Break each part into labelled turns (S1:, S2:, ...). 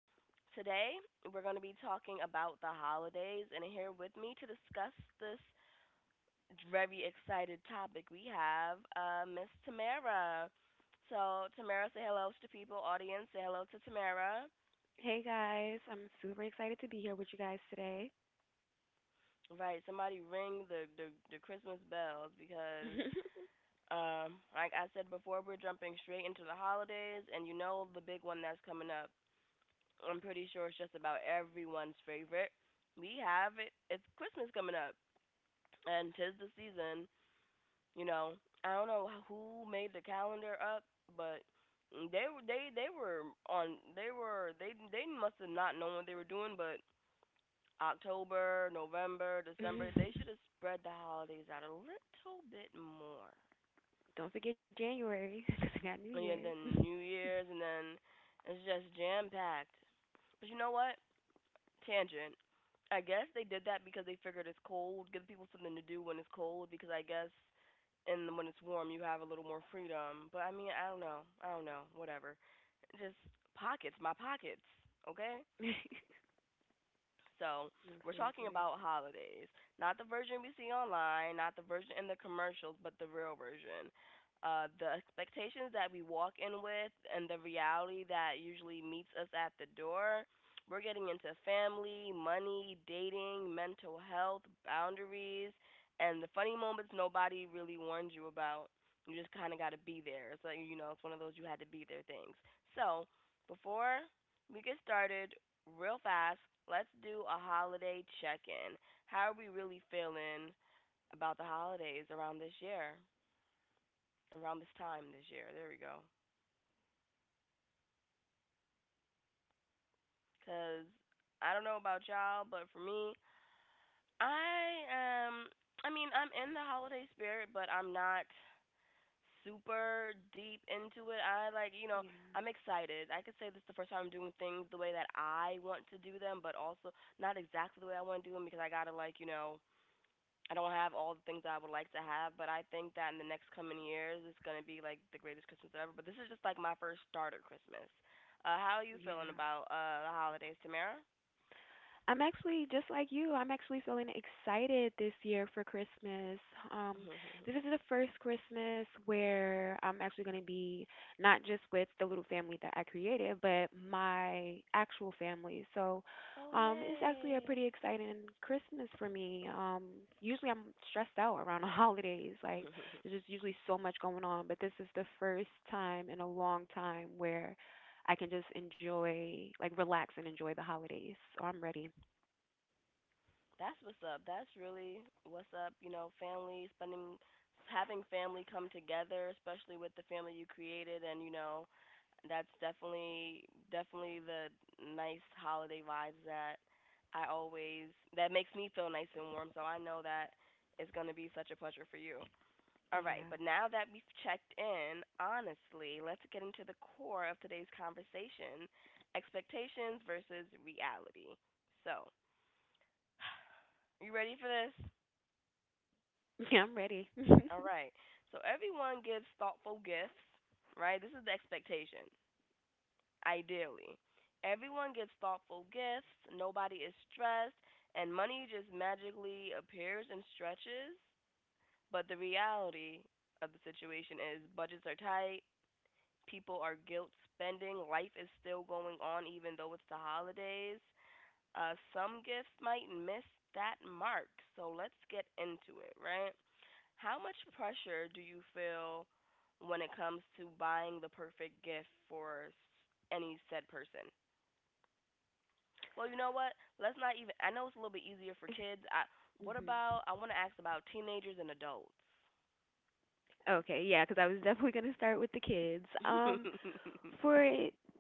S1: Today, we're going to be talking about the holidays, and here with me to discuss this very excited topic, we have Miss Tamara. So, Tamara, say hello to the people, audience, say hello to Tamara.
S2: Hey guys, I'm super excited to be here with you guys today.
S1: Right, somebody ring the Christmas bells because, like I said before, we're jumping straight into the holidays, and you know the big one that's coming up I'm pretty sure it's just about everyone's favorite. We have it. It's Christmas coming up, and 'tis the season. You know, I don't know who made the calendar up, but they were on they were they must have not known what they were doing. But October, November, December, they should have spread the holidays out a little bit more.
S2: Don't forget January because I got New
S1: And
S2: Year's.
S1: yeah, then New Year's, and then it's just jam packed. But you know what? Tangent. I guess they did that because they figured it's cold, give people something to do when it's cold because I guess, and when it's warm you have a little more freedom. But I mean, I don't know. I don't know. Whatever. Just pockets, my pockets, okay?
S2: no,
S1: So we're talking
S2: Seriously.
S1: about holidays, not the version we see online, not the version in the commercials, but the real version. The expectations that we walk in with and the reality that usually meets us at the door. We're getting into family, money, dating, mental health, boundaries, and the funny moments nobody really warned you about. You just kind of got to be there. It's like, it's one of those you had to be there things. So, before we get started, real fast, let's do a holiday check in. How are we really feeling about the holidays around this year, around this time this year? There we go. Because I don't know about y'all, but for me, I am, I mean, I'm in the holiday spirit, but I'm not super deep into it. I like, you know,
S2: Yeah,
S1: I'm excited. I could say this is the first time I'm doing things the way that I want to do them, but also not exactly the way I want to do them because I got to, I don't have all the things I would like to have, but I think that in the next coming years it's gonna be like the greatest Christmas ever. But this is just like my first starter Christmas. How are you
S2: yeah.
S1: feeling about the holidays, Tamara?
S2: I'm actually just like you. I'm actually feeling excited this year for Christmas. Um, this is the first Christmas where I'm actually going to be not just with the little family that I created, but my actual family.
S1: Oh
S2: It's actually a pretty
S1: yay!
S2: exciting Christmas for me. Usually I'm stressed out around the holidays. Like, there's just usually so much going on, but this is the first time in a long time where I can just enjoy, like, relax and enjoy the holidays. So I'm ready.
S1: That's what's up. That's really what's up. You know, family spending, having family come together, especially with the family you created, and that's definitely definitely the nice holiday vibes that I always that makes me feel nice and warm. So I know that it's going to be such a pleasure for you. All
S2: Yeah.
S1: right, but now that we've checked in, honestly, let's get into the core of today's conversation: expectations versus reality. So, you ready for this?
S2: Yeah, I'm ready.
S1: All right. So everyone gives thoughtful gifts, right? This is the expectation. Ideally. Everyone gets thoughtful gifts, nobody is stressed, and money just magically appears and stretches. But the reality of the situation is budgets are tight, people are guilt spending, life is still going on even though it's the holidays. Some gifts might miss that mark, so let's get into it, right? How much pressure do you feel when it comes to buying the perfect gift for any said person? Well, you know what? Let's not even. I know it's a little bit easier for kids. What
S2: Mhm.
S1: about? I want to ask about teenagers and adults.
S2: Okay, yeah, because I was definitely gonna start with the kids. For I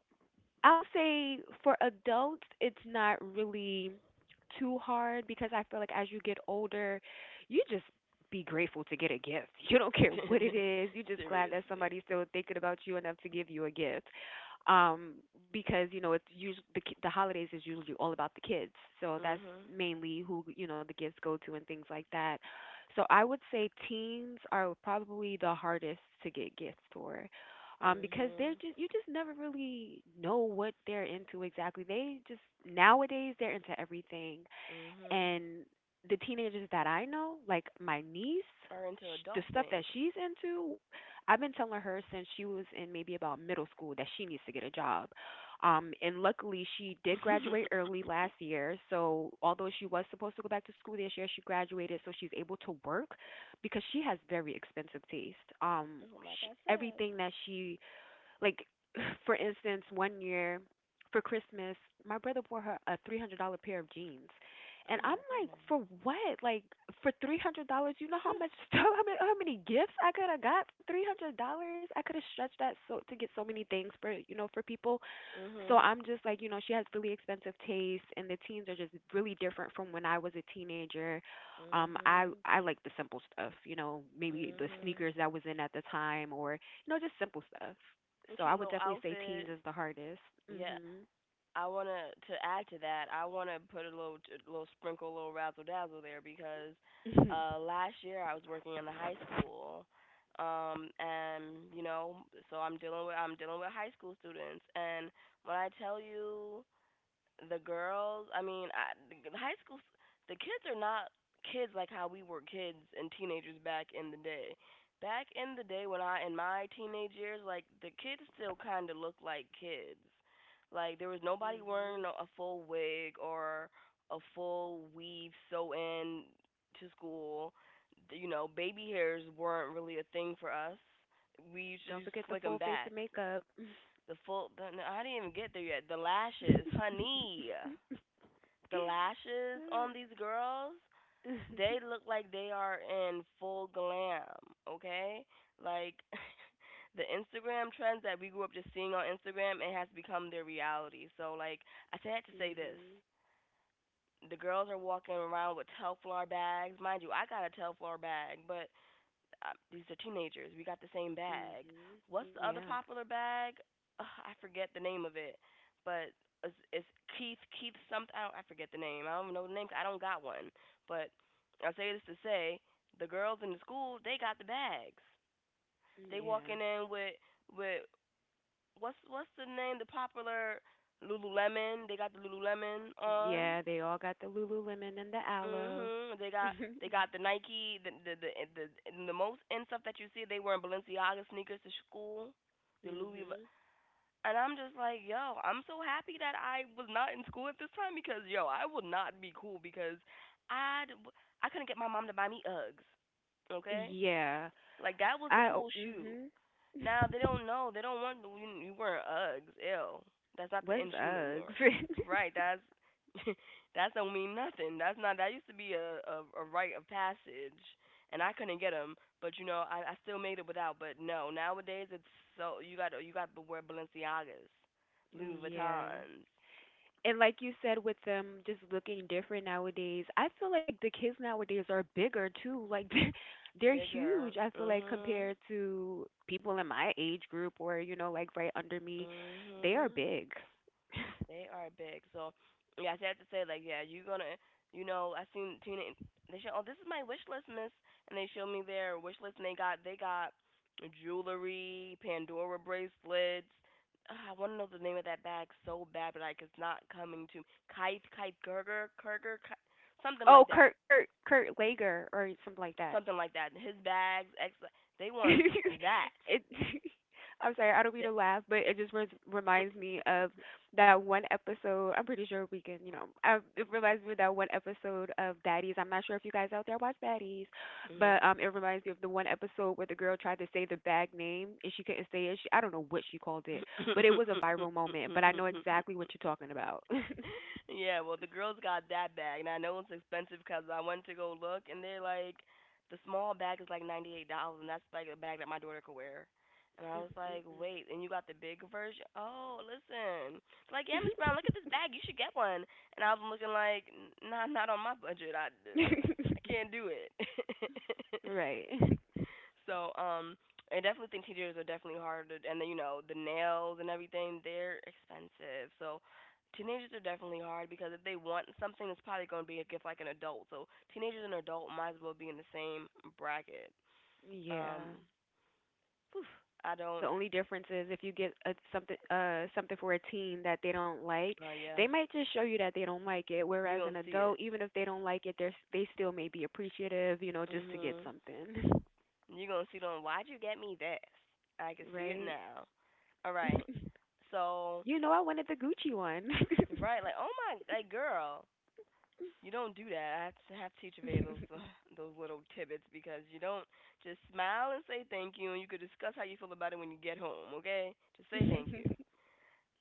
S2: would say for adults, it's not really too hard because I feel like as you get older, you just be grateful to get a gift. You don't care what it is. You're just glad that somebody's
S1: Seriously.
S2: still thinking about you enough to give you a gift. Um, because you know it's usually the the holidays is usually all about the kids, so that's
S1: Mhm.
S2: mainly who, you know, the gifts go to and things like that. So I would say teens are probably the hardest to get gifts for, because they're
S1: Mhm.
S2: just, you just never really know what they're into exactly. They just Nowadays they're into everything,
S1: Mhm.
S2: and the teenagers that I know, like my niece,
S1: Are into
S2: the
S1: adult
S2: stuff that
S1: things.
S2: she's into, I've been telling her since she was in maybe about middle school that she needs to get a job. And luckily, she did graduate early last year. So, although she was supposed to go back to school this year, she graduated, so she's able to work because she has very expensive taste. Um,
S1: Oh, like I said.
S2: everything that she like, for instance, one year for Christmas, my brother bought her a $300 pair of jeans. And
S1: Oh
S2: I'm
S1: my
S2: like,
S1: goodness.
S2: for what? Like, for $300, you know how
S1: Phew.
S2: much stuff, I mean, how many gifts I could have got for $300? I could have stretched that so to get so many things for, you know, for people. So
S1: Mhm.
S2: I'm just like, you know, she has really expensive taste and the teens are just really different from when I was a teenager. I
S1: Mhm.
S2: I like the simple stuff, you know, maybe the
S1: Mhm.
S2: sneakers that was in at the time or, you know, just simple stuff.
S1: A
S2: So
S1: cute
S2: I would
S1: little
S2: definitely say teens
S1: outfit.
S2: is the hardest.
S1: Yeah.
S2: Mhm.
S1: I wanna to add to that. I wanna put a little little sprinkle, a little razzle dazzle there because last year I was working in the high school, and so I'm dealing with high school students, and when I tell you the girls, I mean, I, the high school, s- the kids are not kids like how we were kids and teenagers back in the day. Back in the day when I in my teenage years, like the kids still kind of looked like kids. Like there was nobody
S2: Mhm.
S1: wearing a full wig or a full weave sew in to school. You know, baby hairs weren't really a thing for us. We used to,
S2: Don't
S1: used to
S2: forget the
S1: slick
S2: full
S1: 'em
S2: face of
S1: back.
S2: makeup.
S1: No, I didn't even get there yet. The lashes, honey. The lashes on these girls, they look like they are in full glam, okay? Like the Instagram trends that we grew up just seeing on Instagram, it has become their reality. So like I had to say this.
S2: Mhm.
S1: The girls are walking around with Telflar bags. Mind you, I got a Telflar bag, but these are teenagers. We got the same bag.
S2: Mhm.
S1: What's the other
S2: Yeah.
S1: popular bag? Ugh, I forget the name of it, but it's Keith something. I, don't, I forget the name. I don't even know the name. I don't got one. But I say this to say the girls in the school they got the bags. They
S2: Yeah.
S1: walking in with what's the name? The popular Lululemon. They got the Lululemon on.
S2: Yeah, they all got the Lululemon and the aloe.
S1: Mhm. They got they got the Nike the, and the most and stuff that you see. They wearing Balenciaga sneakers to school, the Louis. Vu-
S2: Mhm.
S1: And I'm just like, yo, I'm so happy that I was not in school at this time because yo, I would not be cool because I I couldn't get my mom to buy me Uggs. Okay,
S2: Yeah.
S1: like that was the cool shoe.
S2: Mhm.
S1: Now they don't know. They don't want you, wearing Uggs. Ew. That's not the
S2: Was
S1: issue no
S2: Uggs?
S1: more. Right. That's that don't mean nothing. That's not. That used to be a rite of passage, and I couldn't get them. But I still made it without. But no, nowadays it's so you got to wear Balenciagas, Louis
S2: Yeah.
S1: Vuittons,
S2: And like you said, with them just looking different nowadays, I feel like the kids nowadays are bigger too. Like they're
S1: bigger.
S2: huge. I feel like
S1: Mhm.
S2: compared to people in my age group, or you know, like right under me, they are
S1: Mhm.
S2: big.
S1: They are big. So yeah, I just have to say like yeah, you're gonna you know I seen Tina. They show oh this is my wish list, miss, and they showed me their wish list and they got jewelry, Pandora bracelets. Ah, I want to know the name of that bag so bad, but like it's not coming to kite kite gerger kerger ki- something
S2: Oh,
S1: like that,
S2: Kurt, Kurt, Kurt Lager, or something like that.
S1: something like that. His bags, they want that.
S2: It. I'm sorry, I don't mean to laugh, but it just reminds me of that one episode. I'm pretty sure we can, you know, it reminds me of that one episode of Baddies. I'm not sure if you guys out there watch Baddies, but
S1: Mhm.
S2: it reminds me of the one episode where the girl tried to say the bag name and she couldn't say it. She, I don't know what she called it, but it was a viral moment. But I know exactly what you're talking about.
S1: Yeah, well, the girls got that bag, and I know it's expensive because I went to go look, and they're like, the small bag is like $98, and that's like a bag that my daughter could wear. And I was like,
S2: Mm,
S1: wait, and you got the big version? Oh, listen, they like, yeah, Miss Brown, look at this bag, you should get one. And I was looking like, nah, not on my budget,
S2: mm, mm.
S1: I can't do it.
S2: Right.
S1: So, I definitely think teachers are definitely harder, and then the nails and everything, they're expensive. So, teenagers are definitely hard because if they want something, it's probably going to be a gift like an adult. So, teenagers and adult might as well be in the same bracket.
S2: Yeah.
S1: Um, Whew, I don't.
S2: The only difference is if you get a, something something for a teen that they don't like,
S1: Oh yeah,
S2: they might just show you that they don't like it.
S1: you
S2: Whereas
S1: gonna
S2: an
S1: see it.
S2: adult, even if they don't like it, they still may be appreciative, you know, just to get
S1: Mhm.
S2: something.
S1: You gonna see it on. Why'd you get me this? I can see it
S2: Right?
S1: now. All right. So
S2: You know, I wanted the Gucci one.
S1: right, like oh my, like girl, you don't do that. I have to teach Avea those those little tidbits because you don't just smile and say thank you, and you could discuss how you feel about it when you get home. Okay, just say thank you.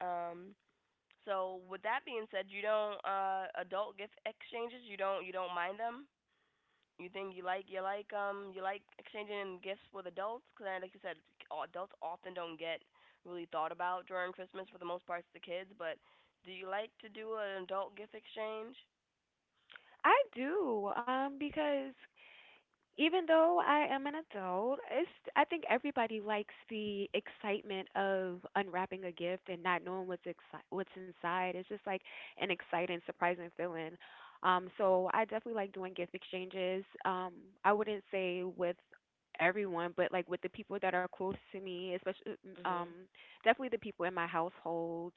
S1: Um, so with that being said, you don't adult gift exchanges. You don't mind them. You think you like exchanging gifts with adults because like you said, adults often don't get really thought about during Christmas for the most part. It's the kids, but do you like to do an adult gift exchange?
S2: I do, because even though I am an adult, it's, I think everybody likes the excitement of unwrapping a gift and not knowing what's what's inside. It's just like an exciting, surprising feeling. So I definitely like doing gift exchanges. I wouldn't say with everyone, but like with the people that are close to me, especially, um,
S1: Mhm.
S2: definitely the people in my household,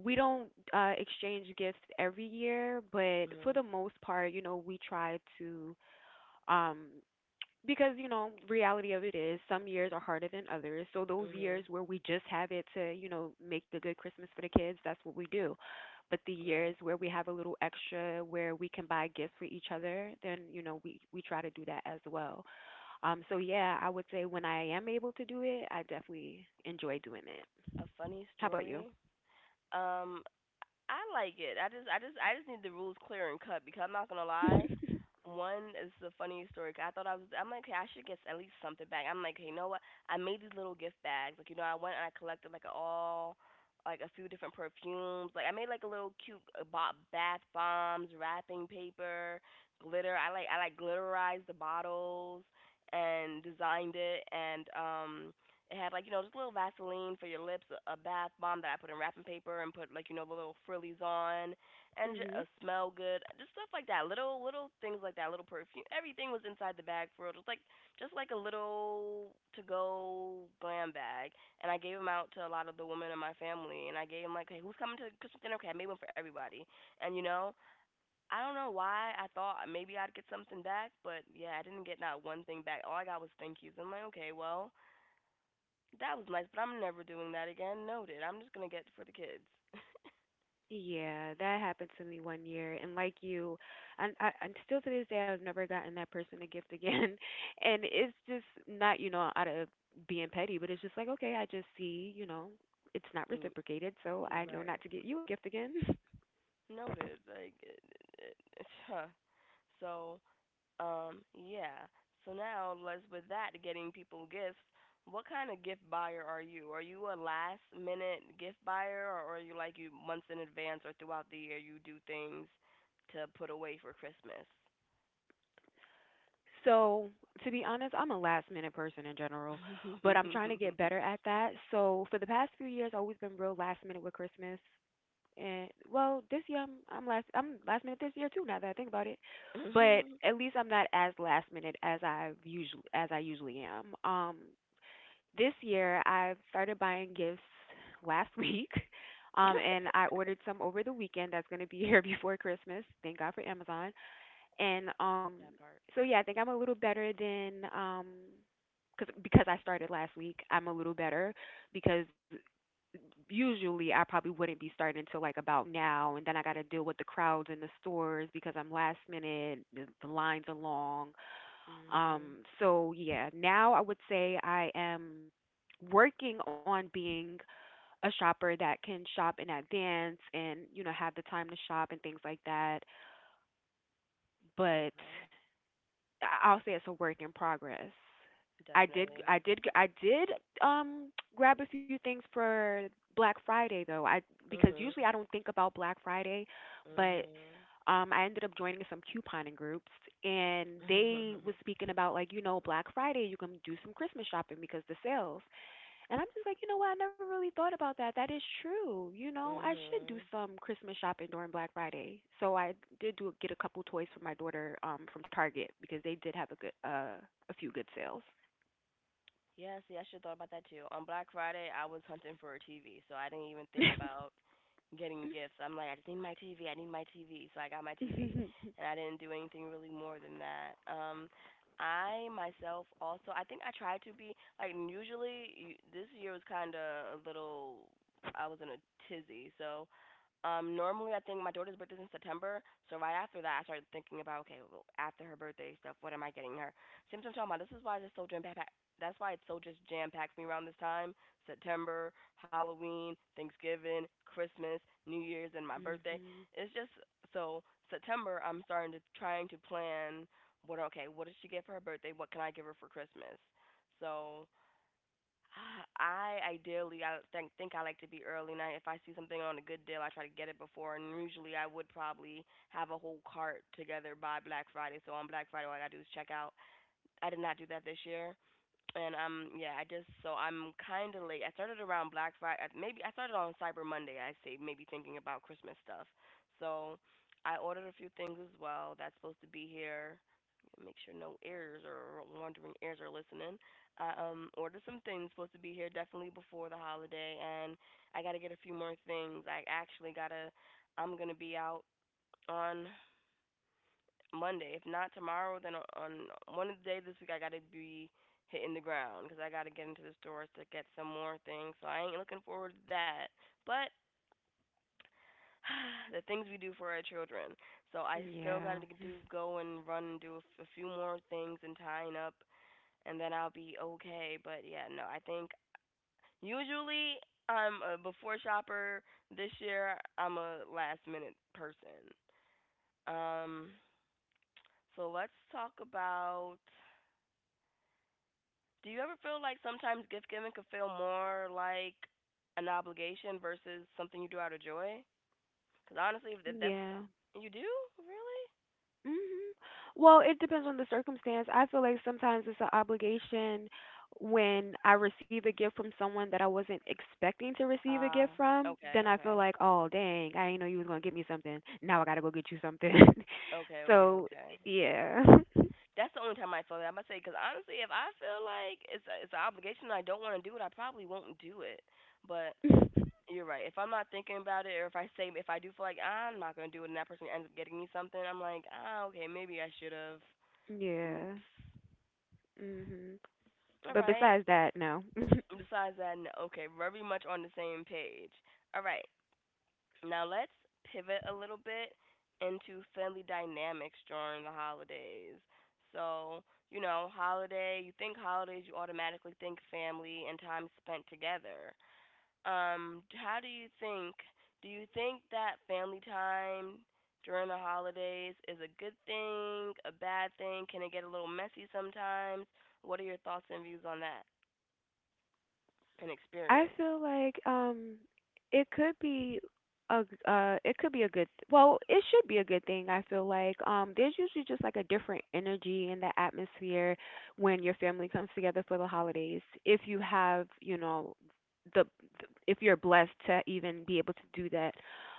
S2: we don't, exchange gifts every year, but for the
S1: Mhm.
S2: most part, you know, we try to, um, because you know reality of it is some years are harder than others, so those years
S1: Mhm.
S2: where we just have it to, you know, make a good Christmas for the kids, that's what we do. But the years
S1: Right.
S2: where we have a little extra where we can buy gifts for each other, then, you know, we try to do that as well. Um, so yeah, I would say when I am able to do it, I definitely enjoy doing it.
S1: A funny
S2: How about you?
S1: story. Um, I like it. I just need the rules clear and cut because I'm not gonna lie. One is the funny story. 'Cause I thought I was. I'm like, okay, I should get at least something back. I'm like, hey, you know what? I made these little gift bags. I went and I collected like all, like a few different perfumes. Like, I made like a little cute bath bombs, wrapping paper, glitter. I like glitterized the bottles and designed it and It had, like, you know, just a little Vaseline for your lips, a bath bomb that I put in wrapping paper and put, like, you know, the little frillies on, and
S2: Mhm.
S1: a smell good, just stuff like that. Little things like that, little perfume. Everything was inside the bag for real, just like a little to go glam bag. And I gave them out to a lot of the women in my family, and I gave them like, hey, who's coming to Christmas dinner? Okay, I made one for everybody. And you know, I don't know why I thought maybe I'd get something back, but yeah, I didn't get not one thing back. All I got was thank yous. I'm like, okay, well that was nice, but I'm never doing that again. Noted. I'm just gonna get for the kids.
S2: Yeah, that happened to me one year, and like you, and still to this day, I've never gotten that person a gift again. And it's just not, you know, out of being petty, but it's just like, okay, I just see, you know, it's not
S1: Mm,
S2: reciprocated, so I know
S1: right.
S2: not to get you a gift again.
S1: Noted. Like, huh. so, yeah. So now, let's with that getting people gifts. What kind of gift buyer are you? Are you a last minute gift buyer, or are you like you months in advance, or throughout the year you do things to put away for Christmas?
S2: So, to be honest, I'm a last minute person in general, but I'm trying to get better at that. So, for the past few years, I've always been real last minute with Christmas. And well, this year I'm last minute this year too, now that I think about it. But at least I'm not as last minute as I usually am. Um, this year I've started buying gifts last week. Um, and I ordered some over the weekend that's going to be here before Christmas. Thank God for Amazon. And um,
S1: That part.
S2: so yeah, I think I'm a little better than, um, because I started last week, I'm a little better because usually I probably wouldn't be starting until like about now, and then I got to deal with the crowds in the stores because I'm last minute. The lines are long,
S1: Mhm.
S2: um, so yeah, now I would say I am working on being a shopper that can shop in advance and, you know, have the time to shop and things like that. But
S1: Okay.
S2: I'll say it's a work in progress.
S1: Definitely.
S2: I did, um, grab a few things for Black Friday though. I, because
S1: Mhm.
S2: usually I don't think about Black Friday, but
S1: Mhm.
S2: um, I ended up joining some couponing groups and they was speaking about, like, you know, Black Friday you can do some Christmas shopping because the sales. And I'm just like, you know what? I never really thought about that. That is true. You know, I should do
S1: Mhm.
S2: some Christmas shopping during Black Friday. So I did do get a couple toys for my daughter, um, from Target because they did have a good a few good sales.
S1: Yeah, see, I should have thought about that too. On Black Friday, I was hunting for a TV, so I didn't even think about getting gifts. I'm like, I just need my TV. I need my TV. So I got my TV, and I didn't do anything really more than that. I myself also, I think I tried to be like usually. You, this year was kind of a little. I was in a tizzy, so normally I think my daughter's birthday's in September, so right after that I started thinking about okay, well, after her birthday stuff, what am I getting her? Same as I'm talking about. This is why I it's so jam packed that's why it's so just jam packed me around this time. September, Halloween, Thanksgiving, Christmas, New Year's, and my birthday.
S2: Mhm.
S1: It's just so September. I'm starting to trying to plan. What okay? What does she get for her birthday? What can I give her for Christmas? So I ideally I think I like to be early night. If I see something on a good deal, I try to get it before. And usually I would probably have a whole cart together by Black Friday. So on Black Friday, all I gotta do is check out. I did not do that this year. And yeah, I just so I'm kind of late. I started around Black Friday. Maybe I started on Cyber Monday. I say maybe thinking about Christmas stuff. So I ordered a few things as well. That's supposed to be here. Make sure no ears or wandering ears are listening. I ordered some things supposed to be here definitely before the holiday, and I got to get a few more things. I actually gotta. I'm gonna be out on Monday. If not tomorrow, then on one of the days this week I gotta be hitting the ground because I gotta get into the stores to get some more things. So I ain't looking forward to that. But the things we do for our children. So I still gotta
S2: Yeah.
S1: do go and run and do a, a few more things and tying up, and then I'll be okay. But yeah, no, I think usually I'm a before shopper. This year I'm a last minute person. Um, so let's talk about Do you ever feel like sometimes gift giving could feel more like an obligation versus something you do out of joy? Because honestly, if that's
S2: Yeah.
S1: you do really?
S2: Mhm. Well, it depends on the circumstance. I feel like sometimes it's an obligation when I receive a gift from someone that I wasn't expecting to receive a gift
S1: Ah,
S2: from.
S1: okay,
S2: Then I feel
S1: okay,
S2: like, oh, dang, I didn't know you was going to get me something. Now I got to go get you something. So,
S1: okay.
S2: yeah.
S1: That's the only time I feel that. I'm gonna say because honestly, if I feel like it's it's an obligation and I don't want to do it, I probably won't do it. But you're right. If I'm not thinking about it, or if I say if I do feel like I'm not gonna do it, and that person ends up getting me something, I'm like, ah, okay, maybe I should have.
S2: Yeah.
S1: Oops.
S2: Mhm.
S1: All
S2: But
S1: right.
S2: besides that, no.
S1: Besides that, no. Okay, very much on the same page. All right, now let's pivot a little bit into family dynamics during the holidays. So, you know, holiday, you think holidays, you automatically think family and time spent together. How do you think? Do you think that family time during the holidays is a good thing, a bad thing? Can it get a little messy sometimes? What are your thoughts and views on that and
S2: I
S1: experience?
S2: feel like, um, it could be a it could be a well, it should be a good thing. I feel like, um, there's usually just like a different energy in the atmosphere when your family comes together for the holidays, if you have, you know, the, the if you're blessed to even be able to do that.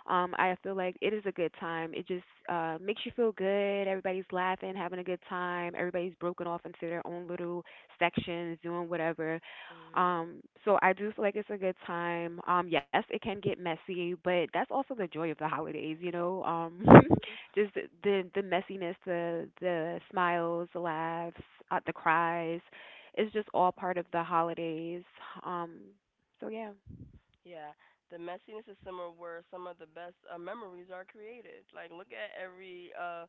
S2: Um, I feel like it is a good time. It just, uh, makes you feel good, everybody's laughing, having a good time, everybody's broken off into their own little sections doing whatever.
S1: Mhm.
S2: Um, so I do feel like it's a good time. Yes, it can get messy, but that's also the joy of the holidays, you know.
S1: Mhm.
S2: Just the messiness, the smiles, the laughs, the cries, it's just all part of the holidays. Um, so yeah,
S1: Yeah. The messiness is somewhere where some of the best memories are created. Like look at every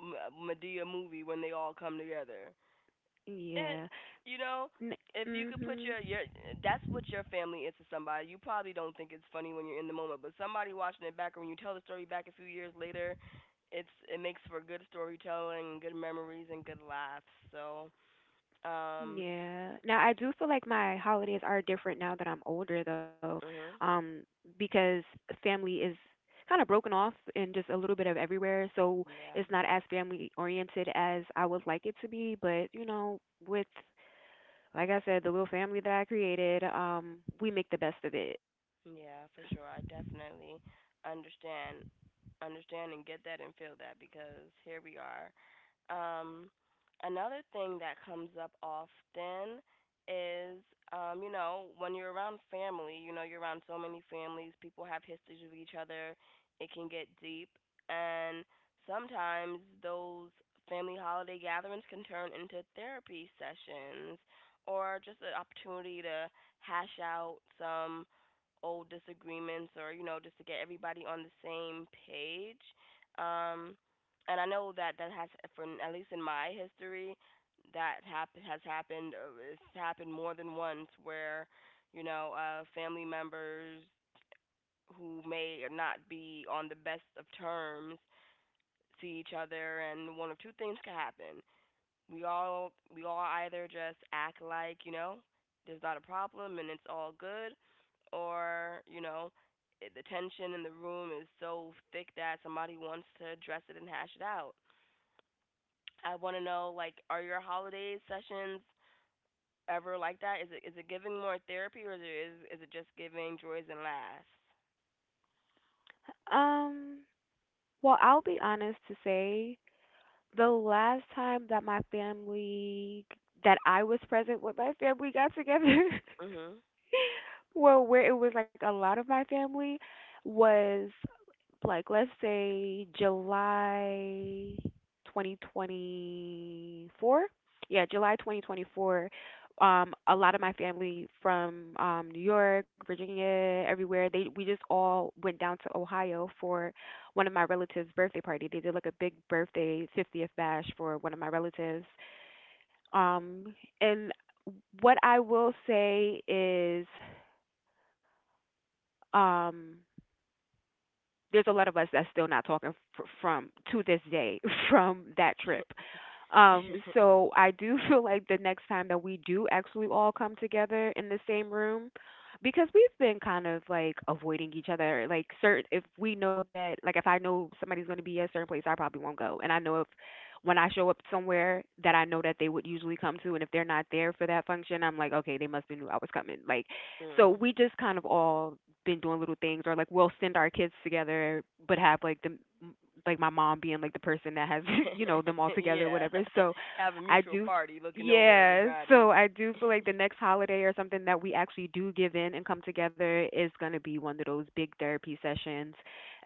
S1: Medea movie when they all come together. It,
S2: yeah,
S1: you know, if you could put
S2: mm-hmm.
S1: your that's what your family is to somebody. You probably don't think it's funny when you're in the moment, but somebody watching it back or when you tell the story back a few years later, it's it makes for good storytelling, good memories and good laughs. So, um
S2: Yeah. Now I do feel like my holidays are different now that I'm older though.
S1: mhm.
S2: Um, because family is kind of broken off and just a little bit of everywhere, so
S1: Yeah.
S2: it's not as family oriented as I would like it to be, but you know, with, like I said, the little family that I created, um, we make the best of it.
S1: Yeah, for sure. I definitely understand understand and get that and feel that because here we are um, another thing that comes up often is, you know, when you're around family, you know, you're around so many families, people have histories with each other, it can get deep. And sometimes those family holiday gatherings can turn into therapy sessions or just an opportunity to hash out some old disagreements or, you know, just to get everybody on the same page. Um, and I know that that has, for at least in my history, that has happened. It's happened more than once where, you know, family members who may not be on the best of terms see each other, and one of two things can happen. We all either just act like you know there's not a problem and it's all good, or you know the tension in the room is so thick that somebody wants to address it and hash it out. I want to know like are your holiday sessions ever like that? Is it giving more therapy or is it is it just giving joys and laughs?
S2: Um well, I'll be honest to say the last time that my family, that I was present with my family got together
S1: Mhm.
S2: well, where it was like a lot of my family was, like, let's say July 2024. Yeah, July 2024. A lot of my family from New York, Virginia, everywhere, they we just all went down to Ohio for one of my relatives' birthday party. They did like a big birthday 50th bash for one of my relatives. Um and what I will say is um there's a lot of us that's still not talking from to this day from that trip. So I do feel like the next time that we do actually all come together in the same room, because we've been kind of like avoiding each other. Like, certain, if we know that, like if I know somebody's going to be at a certain place, I probably won't go. And I know if when I show up somewhere that I know that they would usually come to, and if they're not there for that function, I'm like, okay, they must be knew I was coming. Like, so
S1: Mm.
S2: we just kind of all been doing little things, or like we'll send our kids together, but have like the, like my mom being like the person that has you know them all together,
S1: Yeah.
S2: whatever. So
S1: Have a
S2: I
S1: mutual
S2: do,
S1: party looking over
S2: yeah.
S1: everybody.
S2: So I do feel like the next holiday or something that we actually do give in and come together is gonna be one of those big therapy sessions,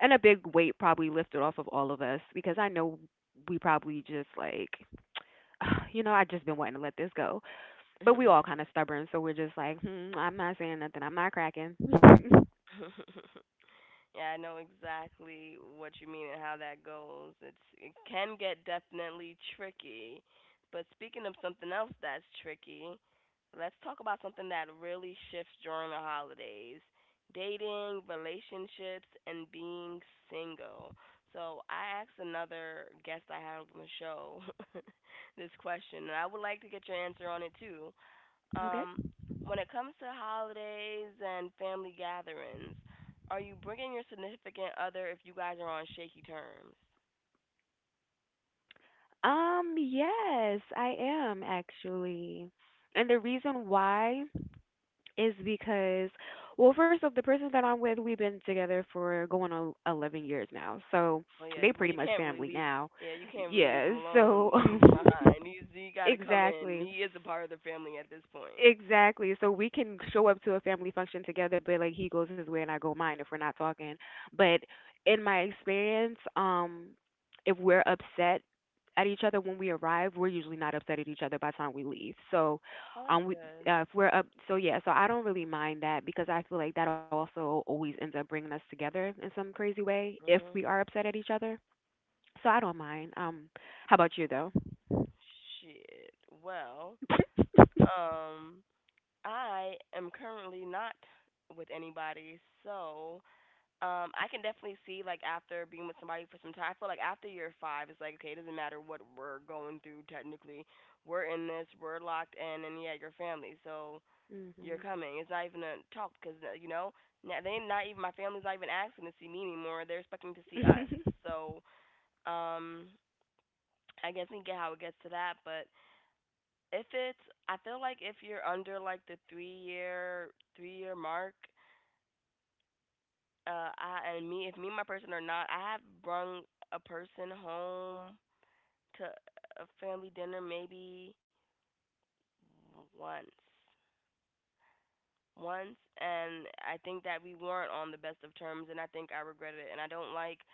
S2: and a big weight probably lifted off of all of us because I know we probably just like you know, I just been wanting to let this go. But we all kind of stubborn, so we're just like, hmm, I'm not saying nothing. I'm not cracking.
S1: Yeah, I know exactly what you mean and how that goes. It's it can get definitely tricky. But speaking of something else that's tricky, let's talk about something that really shifts during the holidays. Dating, relationships, and being single. So I asked another guest I had on the show this question, and I would like to get your answer on it too.
S2: Okay.
S1: Um, when it comes to holidays and family gatherings, are you bringing your significant other if you guys are on shaky terms?
S2: Yes, I am actually. And the reason why is because, well, first off, the person that I'm with, we've been together for going on 11 years now. So
S1: Well, yeah.
S2: they
S1: You,
S2: pretty
S1: well, you
S2: much
S1: can't really
S2: family
S1: leave.
S2: now.
S1: Yeah, you can't really leave
S2: Yeah,
S1: him
S2: so
S1: alone, leave him behind. He's he got to come in.
S2: exactly.
S1: He is a part of the family at this point.
S2: Exactly. So we can show up to a family function together, but like he goes his way and I go mine if we're not talking. But in my experience, if we're upset at each other when we arrive, we're usually not upset at each other by the time we leave. So,
S1: Oh, that's
S2: we,
S1: good.
S2: if we're up, so yeah, so I don't really mind that because I feel like that also always ends up bringing us together in some crazy way if
S1: Mhm.
S2: we are upset at each other. So I don't mind. How about you though?
S1: Shit. Well, um, I am currently not with anybody, so I can definitely see like after being with somebody for some time, I feel like after year five, it's like okay, it doesn't matter what we're going through. Technically, we're in this, we're locked in, and yeah, your family, so you're
S2: Mhm.
S1: coming. It's not even a talk because you know they not even my family's not even asking to see me anymore. They're expecting to see us. So um, I guess we get how it gets to that, but if it's, I feel like if you're under like the 3 year mark, I and me if me and my person are not, I have brung a person home to a family dinner maybe once. Once and I think that we weren't on the best of terms and I think I regret it and I don't like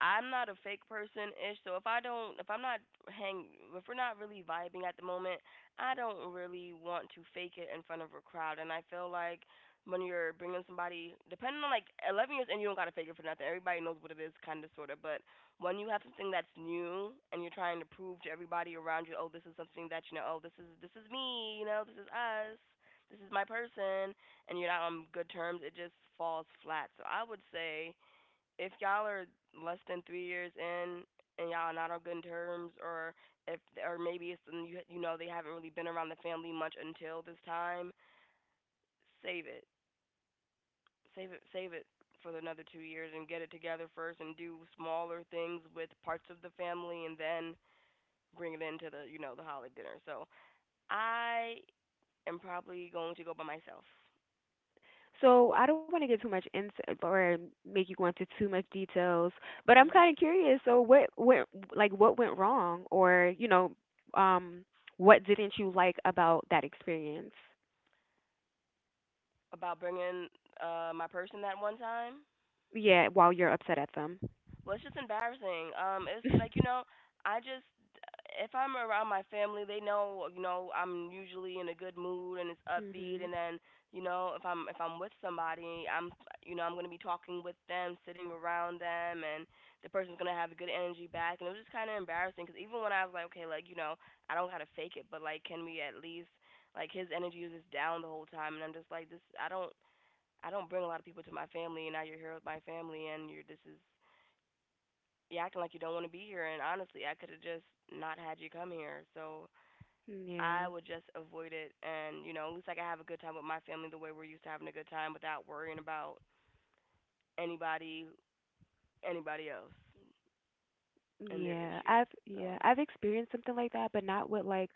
S1: I'm not a fake person ish, so if I don't, if I'm not hang, if we're not really vibing at the moment, I don't really want to fake it in front of a crowd. And I feel like when you're bringing somebody, depending on like 11 years, and you don't gotta fake it for nothing. Everybody knows what it is, kind of, sort of. But when you have something that's new and you're trying to prove to everybody around you, oh, this is something that you know, oh, this is me, you know, this is us, this is my person, and you're not on good terms, it just falls flat. So I would say if y'all are less than 3 years in and y'all are not on good terms, or if or maybe it's they haven't really been around the family much until this time, save it, save it, save it for another 2 years and get it together first and do smaller things with parts of the family and then bring it into the the holiday dinner. So I am probably going to go by myself.
S2: So I don't want to get too much insight or make you go into too much details, but I'm
S1: Mhm.
S2: kind of curious. So what went like what went wrong, or you know, um, what didn't you like about that experience?
S1: About bringing my person that one time,
S2: Yeah, while you're upset at them.
S1: was just embarrassing. It's like, I just if I'm around my family, they know I'm usually in a good mood and it's upbeat,
S2: Mhm.
S1: and then if I'm with somebody, I'm I'm gonna be talking with them, sitting around them, and the person's gonna have good energy back, and it was just kind of embarrassing because even when I was like, okay, like I don't gotta fake it, but like can we at least like his energy was just down the whole time, and I'm just like this I don't bring a lot of people to my family, and now you're here with my family, and you're this is you're acting like you don't want to be here. And honestly, I could have just not had you come here. So I
S2: Yeah.
S1: would just avoid it. And, you know, at least like, I could have a good time with my family the way we're used to having a good time without worrying about anybody, anybody else and their
S2: Yeah.
S1: issues.
S2: I've Yeah,
S1: So,
S2: I've experienced something like that, but not with like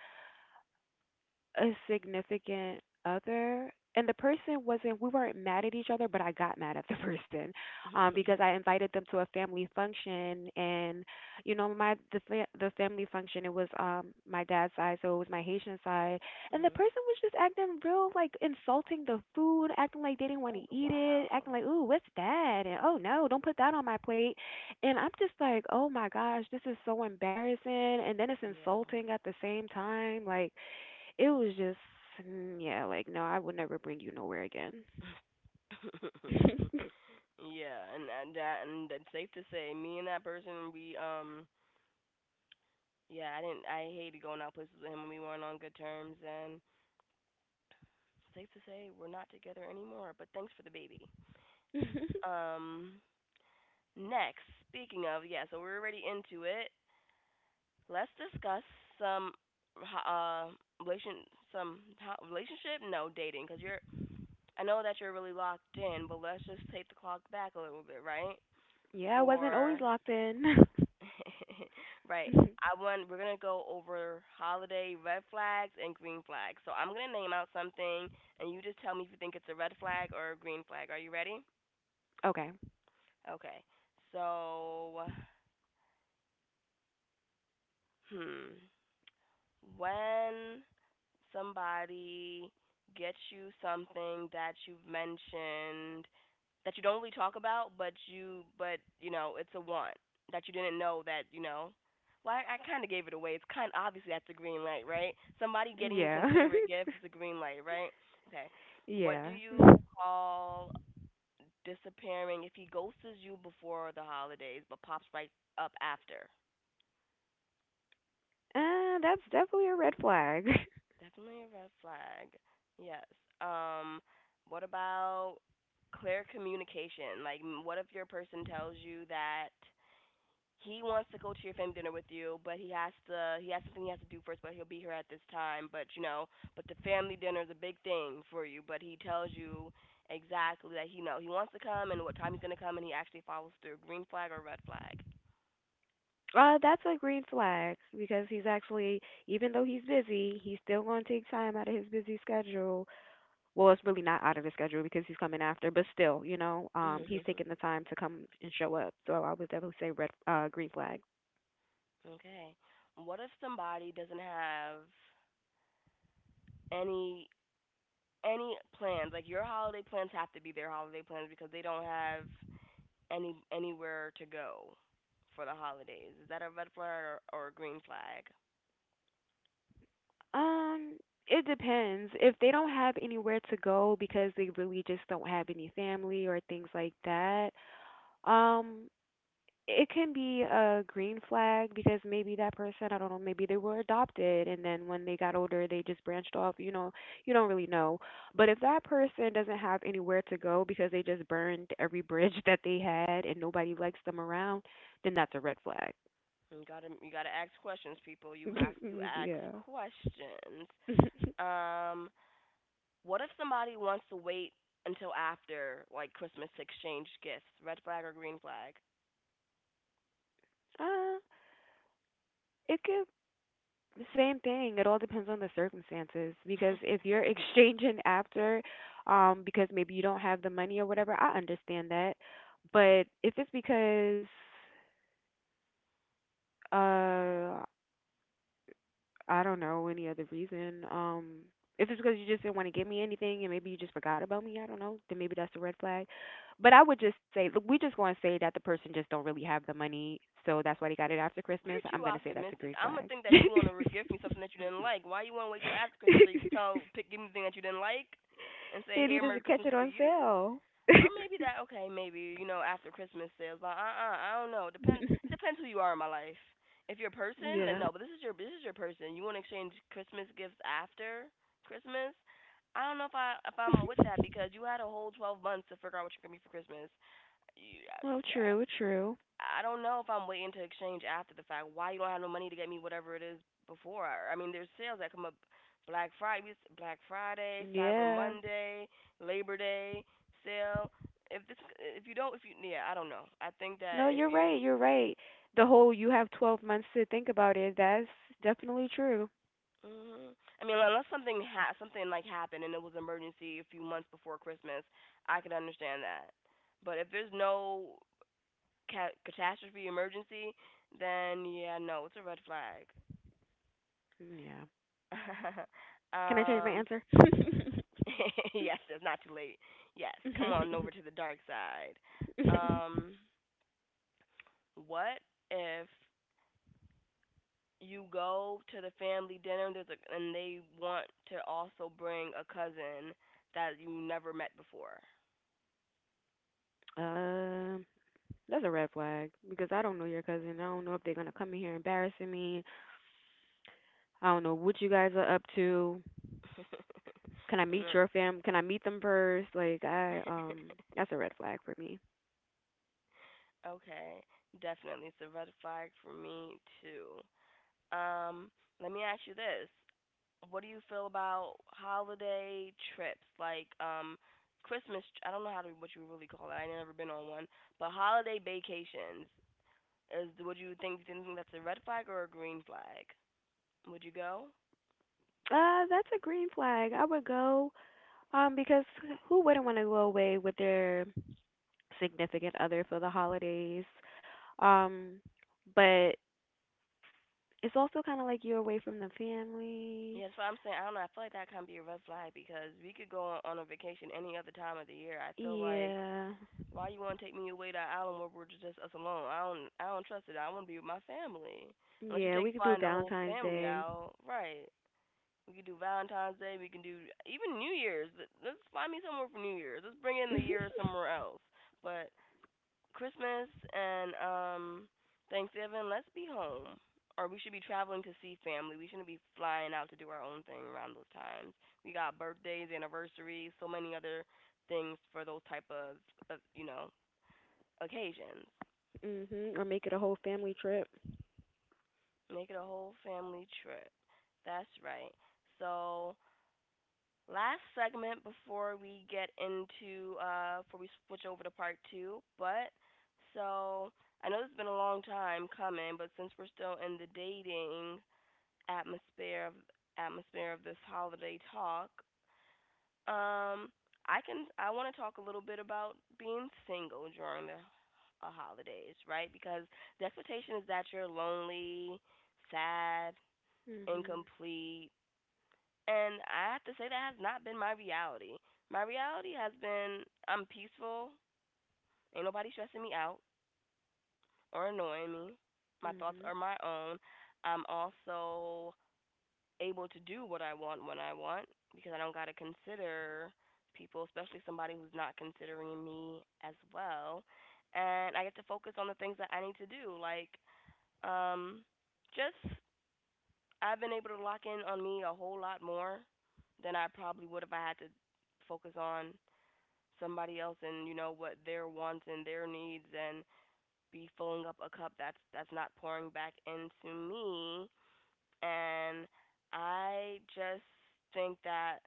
S2: a significant other, and the person wasn't, we weren't mad at each other, but I got mad at the person because I invited them to a family function, and you know the family function, it was my dad's side, so it was my Haitian side, and the
S1: mhm.
S2: person was just acting real, like, insulting the food, acting like they didn't want to
S1: Oh,
S2: eat it,
S1: wow.
S2: acting like, ooh, what's that, and oh no, don't put that on my plate. And I'm just like, oh my gosh, this is so embarrassing, and then it's
S1: Yeah.
S2: insulting at the same time. Like, it was just, mm, yeah, like, no, I would never bring you nowhere again.
S1: yeah, and that's safe to say, me and that person, we yeah, I didn't, I hated going out places with him when we weren't on good terms, and safe to say we're not together anymore, but thanks for the baby. Um, Next, speaking of, yeah, so we're already into it. Let's discuss some uh relation some relationship, no dating cuz you're I know that you're really locked in, but let's just take the clock back a little bit, right?
S2: Yeah, I wasn't
S1: For
S2: always locked in.
S1: right. I want We're gonna go over holiday red flags and green flags. So I'm gonna name out something, and you just tell me if you think it's a red flag or a green flag. Are you ready?
S2: Okay.
S1: Okay. So, hmm, when somebody gets you something that you've mentioned that you don't really talk about, but you know, it's a want that you didn't know that you know. Well, I kind of gave it away. It's kind obviously that's a green light, right? Somebody getting you
S2: Yeah.
S1: considerate gifts is a green light, right? Okay. What
S2: Yeah.
S1: do you call disappearing if he ghosts you before the holidays but pops right up after?
S2: That's definitely a red flag.
S1: Definitely a red flag. Yes. Um, what about clear communication? Like, what if your person tells you that he wants to go to your family dinner with you, but he has something he has to do first, but he'll be here at this time. But you know, but the family dinner is a big thing for you. But he tells you exactly that he know he wants to come and what time he's gonna come, and he actually follows through. Green flag or red flag?
S2: That's a green flag because he's actually, even though he's busy, he's still going to take time out of his busy schedule. Well, it's really not out of his schedule because he's coming after, but still, you know, he's taking the time to come and show up. So I would definitely say green flag.
S1: okay. What if somebody doesn't have any any plans. Like your holiday plans have to be their holiday plans because they don't have anywhere to go for the holidays. Is that a red flag or a green flag?
S2: Um, it depends. If they don't have anywhere to go because they really just don't have any family or things like that, um, it can be a green flag because maybe that person, I don't know, maybe they were adopted and then when they got older they just branched off, you know, you don't really know. But if that person doesn't have anywhere to go because they just burned every bridge that they had and nobody likes them around, then that's a red flag.
S1: You gotta ask questions, people. You have to ask
S2: Yeah.
S1: questions. Um, what if somebody wants to wait until after like Christmas to exchange gifts? Red flag or green flag?
S2: uh, it can The same thing. It all depends on the circumstances because if you're exchanging after, because maybe you don't have the money or whatever, I understand that. But if it's because, uh, I don't know any other reason, if it's because you just didn't want to give me anything and maybe you just forgot about me, I don't know, then maybe that's a red flag. But I would just say, look, we just going to say that the person just don't really have the money, so that's why they got it after Christmas.
S1: You're
S2: I'm
S1: too
S2: going to say that's a
S1: optimistic.
S2: green
S1: I'm gonna
S2: flag.
S1: think
S2: They
S1: that you want to regift me something that you didn't like. Why you want to wait till after Christmas so you can give me the thing that you didn't like, and say, "Here,
S2: need to
S1: Merry
S2: catch
S1: Christmas
S2: it
S1: to
S2: on
S1: you."
S2: sale.
S1: Or maybe that okay, maybe you know after Christmas sales, but I don't know. Depends who you are in my life. If you're a person,
S2: Yeah.
S1: then no. But this is your person. You want to exchange Christmas gifts after Christmas. I don't know if I if I'm with that because you had a whole 12 months to figure out what you're gonna be for Christmas. You,
S2: Well,
S1: you
S2: true, true.
S1: I don't know if I'm waiting to exchange after the fact. Why you don't have no money to get me whatever it is before? I mean, there's sales that come up Black Friday, Black Friday, Cyber
S2: Yeah.
S1: Monday, Labor Day sale. If this, if you don't, if you, Yeah, I don't know. I think that
S2: No,
S1: if
S2: you're right.
S1: you,
S2: You're right. The whole you have 12 months to think about it, that's definitely true.
S1: Hmm, I mean, unless something like happened and it was emergency a few months before Christmas, I could understand that. But if there's no catastrophe emergency, then yeah, no, it's a red flag.
S2: Yeah. Can I change my
S1: um,
S2: answer?
S1: yes, it's not too late. Yes, come on over to the dark side. Um, what if you go to the family dinner and they want to also bring a cousin that you never met before?
S2: Um, that's a red flag because I don't know your cousin. I don't know if they're gonna come in here embarrassing me. I don't know what you guys are up to. Can I
S1: And,
S2: meet your fam? Can I meet them first? Like I That's a red flag for me.
S1: okay, definitely. It's a red flag for me, too. Um, let me ask you this. What do you feel about holiday trips like Christmas? I don't know how to what you really call it. I never been on one, but holiday vacations is would you think do you think that's a red flag or a green flag? Would you go?
S2: That's a green flag. I would go. Because who wouldn't want to go away with their significant other for the holidays? Um, but it's also kind of like you're away from the
S1: Yeah,
S2: family.
S1: that's what I'm saying. I don't know. I feel like that can be a red flag because we could go on a vacation any other time of the year. I feel like
S2: Yeah.
S1: why you want to take me away to an island where we're just us alone? I don't trust it. I want to be with my family. Unless you
S2: Yeah, we
S1: take
S2: could do
S1: flying the whole
S2: Valentine's
S1: family
S2: Day.
S1: out, right? We can do Valentine's Day. We can do even New Year's. Let's find me somewhere for New Year's. Let's bring in the year somewhere else. But Christmas and Thanksgiving, let's be home. Or we should be traveling to see family. We shouldn't be flying out to do our own thing around those times. We got birthdays, anniversaries, so many other things for those type of occasions.
S2: Mhm. Or make it a whole family trip.
S1: Make it a whole family trip. That's right. So last segment before we get into before we switch over to part two, but so I know it's been a long time coming, but since we're still in the dating atmosphere of atmosphere of this holiday talk, um I want to talk a little bit about being single during the holidays, right? Because the expectation is that you're lonely, sad,
S2: Mhm.
S1: incomplete, and I have to say that has not been my reality. My reality has been I'm peaceful, ain't nobody stressing me out or annoying me. My thoughts are
S2: Mhm.
S1: my own. I'm also able to do what I want when I want because I don't got to consider people, especially somebody who's not considering me as well. And I get to focus on the things that I need to do, like um just I've been able to lock in on me a whole lot more than I probably would if I had to focus on somebody else and you know what their wants and their needs and be filling up a cup that's not pouring back into me, and I just think that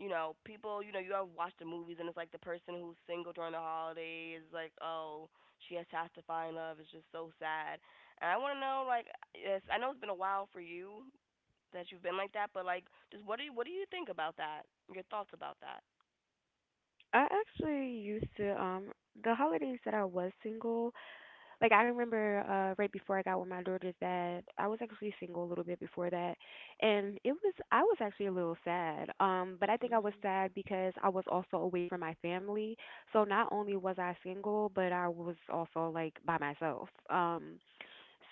S1: people, you have watched the movies and it's like the person who's single during the holidays like, oh, she has to find love, it's just so sad. And I want to know like yes I know it's been a while for you that you've been like that, but like, just what do you think about that? Your thoughts about that?
S2: I actually used to the holidays that I was single, like I remember right before I got with my daughters dad, I was actually single a little bit before that, and it was, I was actually a little sad. But I think I was
S1: Mhm.
S2: sad because I was also away from my family. So not only was I single, but I was also like by myself.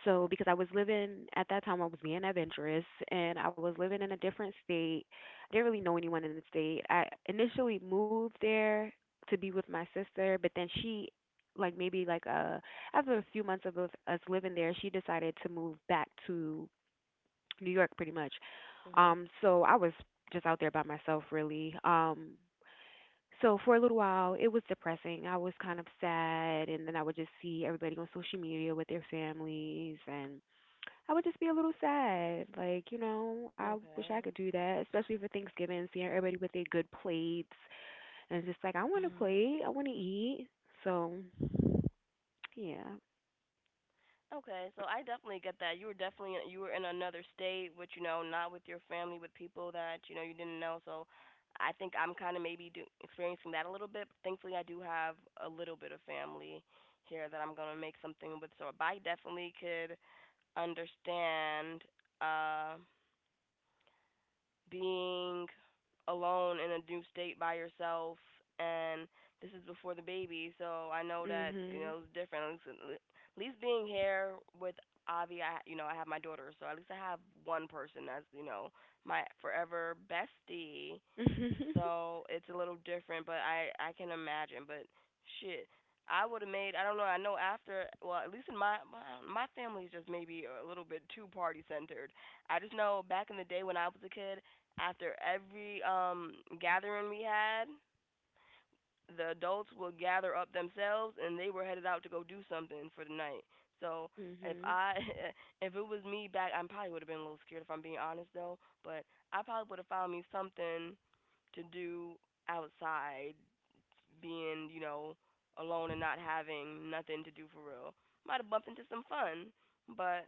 S2: So because I was living at that time, I was being adventurous and I was living in a different state. I didn't really know anyone in the state. I initially moved there to be with my sister, but then she, like maybe like, uh, after a few months of us living there, she decided to move back to New York pretty much.
S1: Mhm.
S2: So I was just out there by myself really. So for a little while, it was depressing. I was kind of sad, and then I would just see everybody on social media with their families, and I would just be a little sad. Like, you know, I wish I
S1: Okay.
S2: could do that, especially for Thanksgiving, seeing everybody with their good plates, and it's just like, I want to
S1: Mhm.
S2: plate, I want to eat. So, yeah.
S1: Okay, so I definitely get that. You were in another state, which, not with your family, with people that you didn't know. So I think I'm kind of maybe experiencing that a little bit. Thankfully, I do have a little bit of family here that I'm gonna make something with. So I definitely could understand. Uh, being alone in a new state by yourself, and this is before the baby, so I know that
S2: Mhm.
S1: it's different. At least, at least being here with Avi, I you know I have my daughter, so at least I have one person that's, you know, my forever bestie. So it's a little different, but I can imagine. But shit, I would have made. I don't know. I know after. Well, at least in my family is just maybe a little bit too party centered. I just know back in the day when I was a kid, after every gathering we had, the adults would gather up themselves and they were headed out to go do something for the night. So if
S2: Mhm.
S1: I if it was me back, I probably would have been a little scared if I'm being honest though. But I probably would have found me something to do outside, being alone and not having nothing to do for real. Might have bumped into some fun, but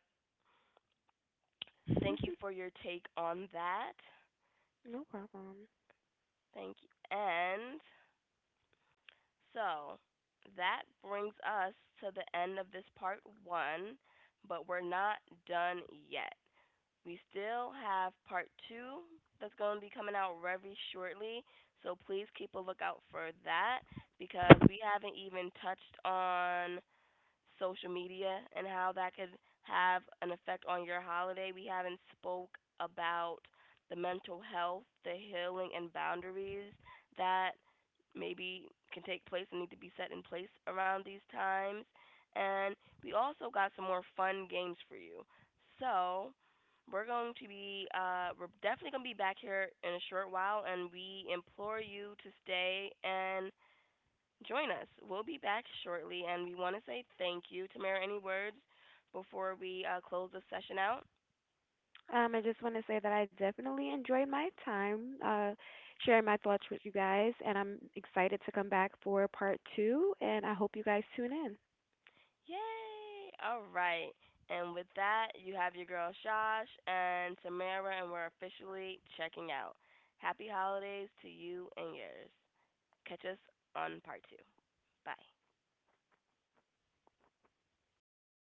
S1: thank you for your take on that.
S2: No problem.
S1: Thank you. And so that brings us to the end of this part one, but we're not done yet. We still have part two that's going to be coming out very shortly, so please keep a lookout for that because we haven't even touched on social media and how that could have an effect on your holiday. We haven't spoke about the mental health, the healing and boundaries that maybe can take place and need to be set in place around these times. And we also got some more fun games for you. So we're going to be we're definitely going to be back here in a short while, and we implore you to stay and join us. We'll be back shortly, and we want to say thank you. Tamara, any words before we close the session out?
S2: I just want to say that I definitely enjoyed my time sharing my thoughts with you guys, and I'm excited to come back for part two. And I hope you guys tune in.
S1: Yay! All right. And with that, you have your girl Shosh and Tamara, and we're officially checking out. Happy holidays to you and yours. Catch us on part two. Bye.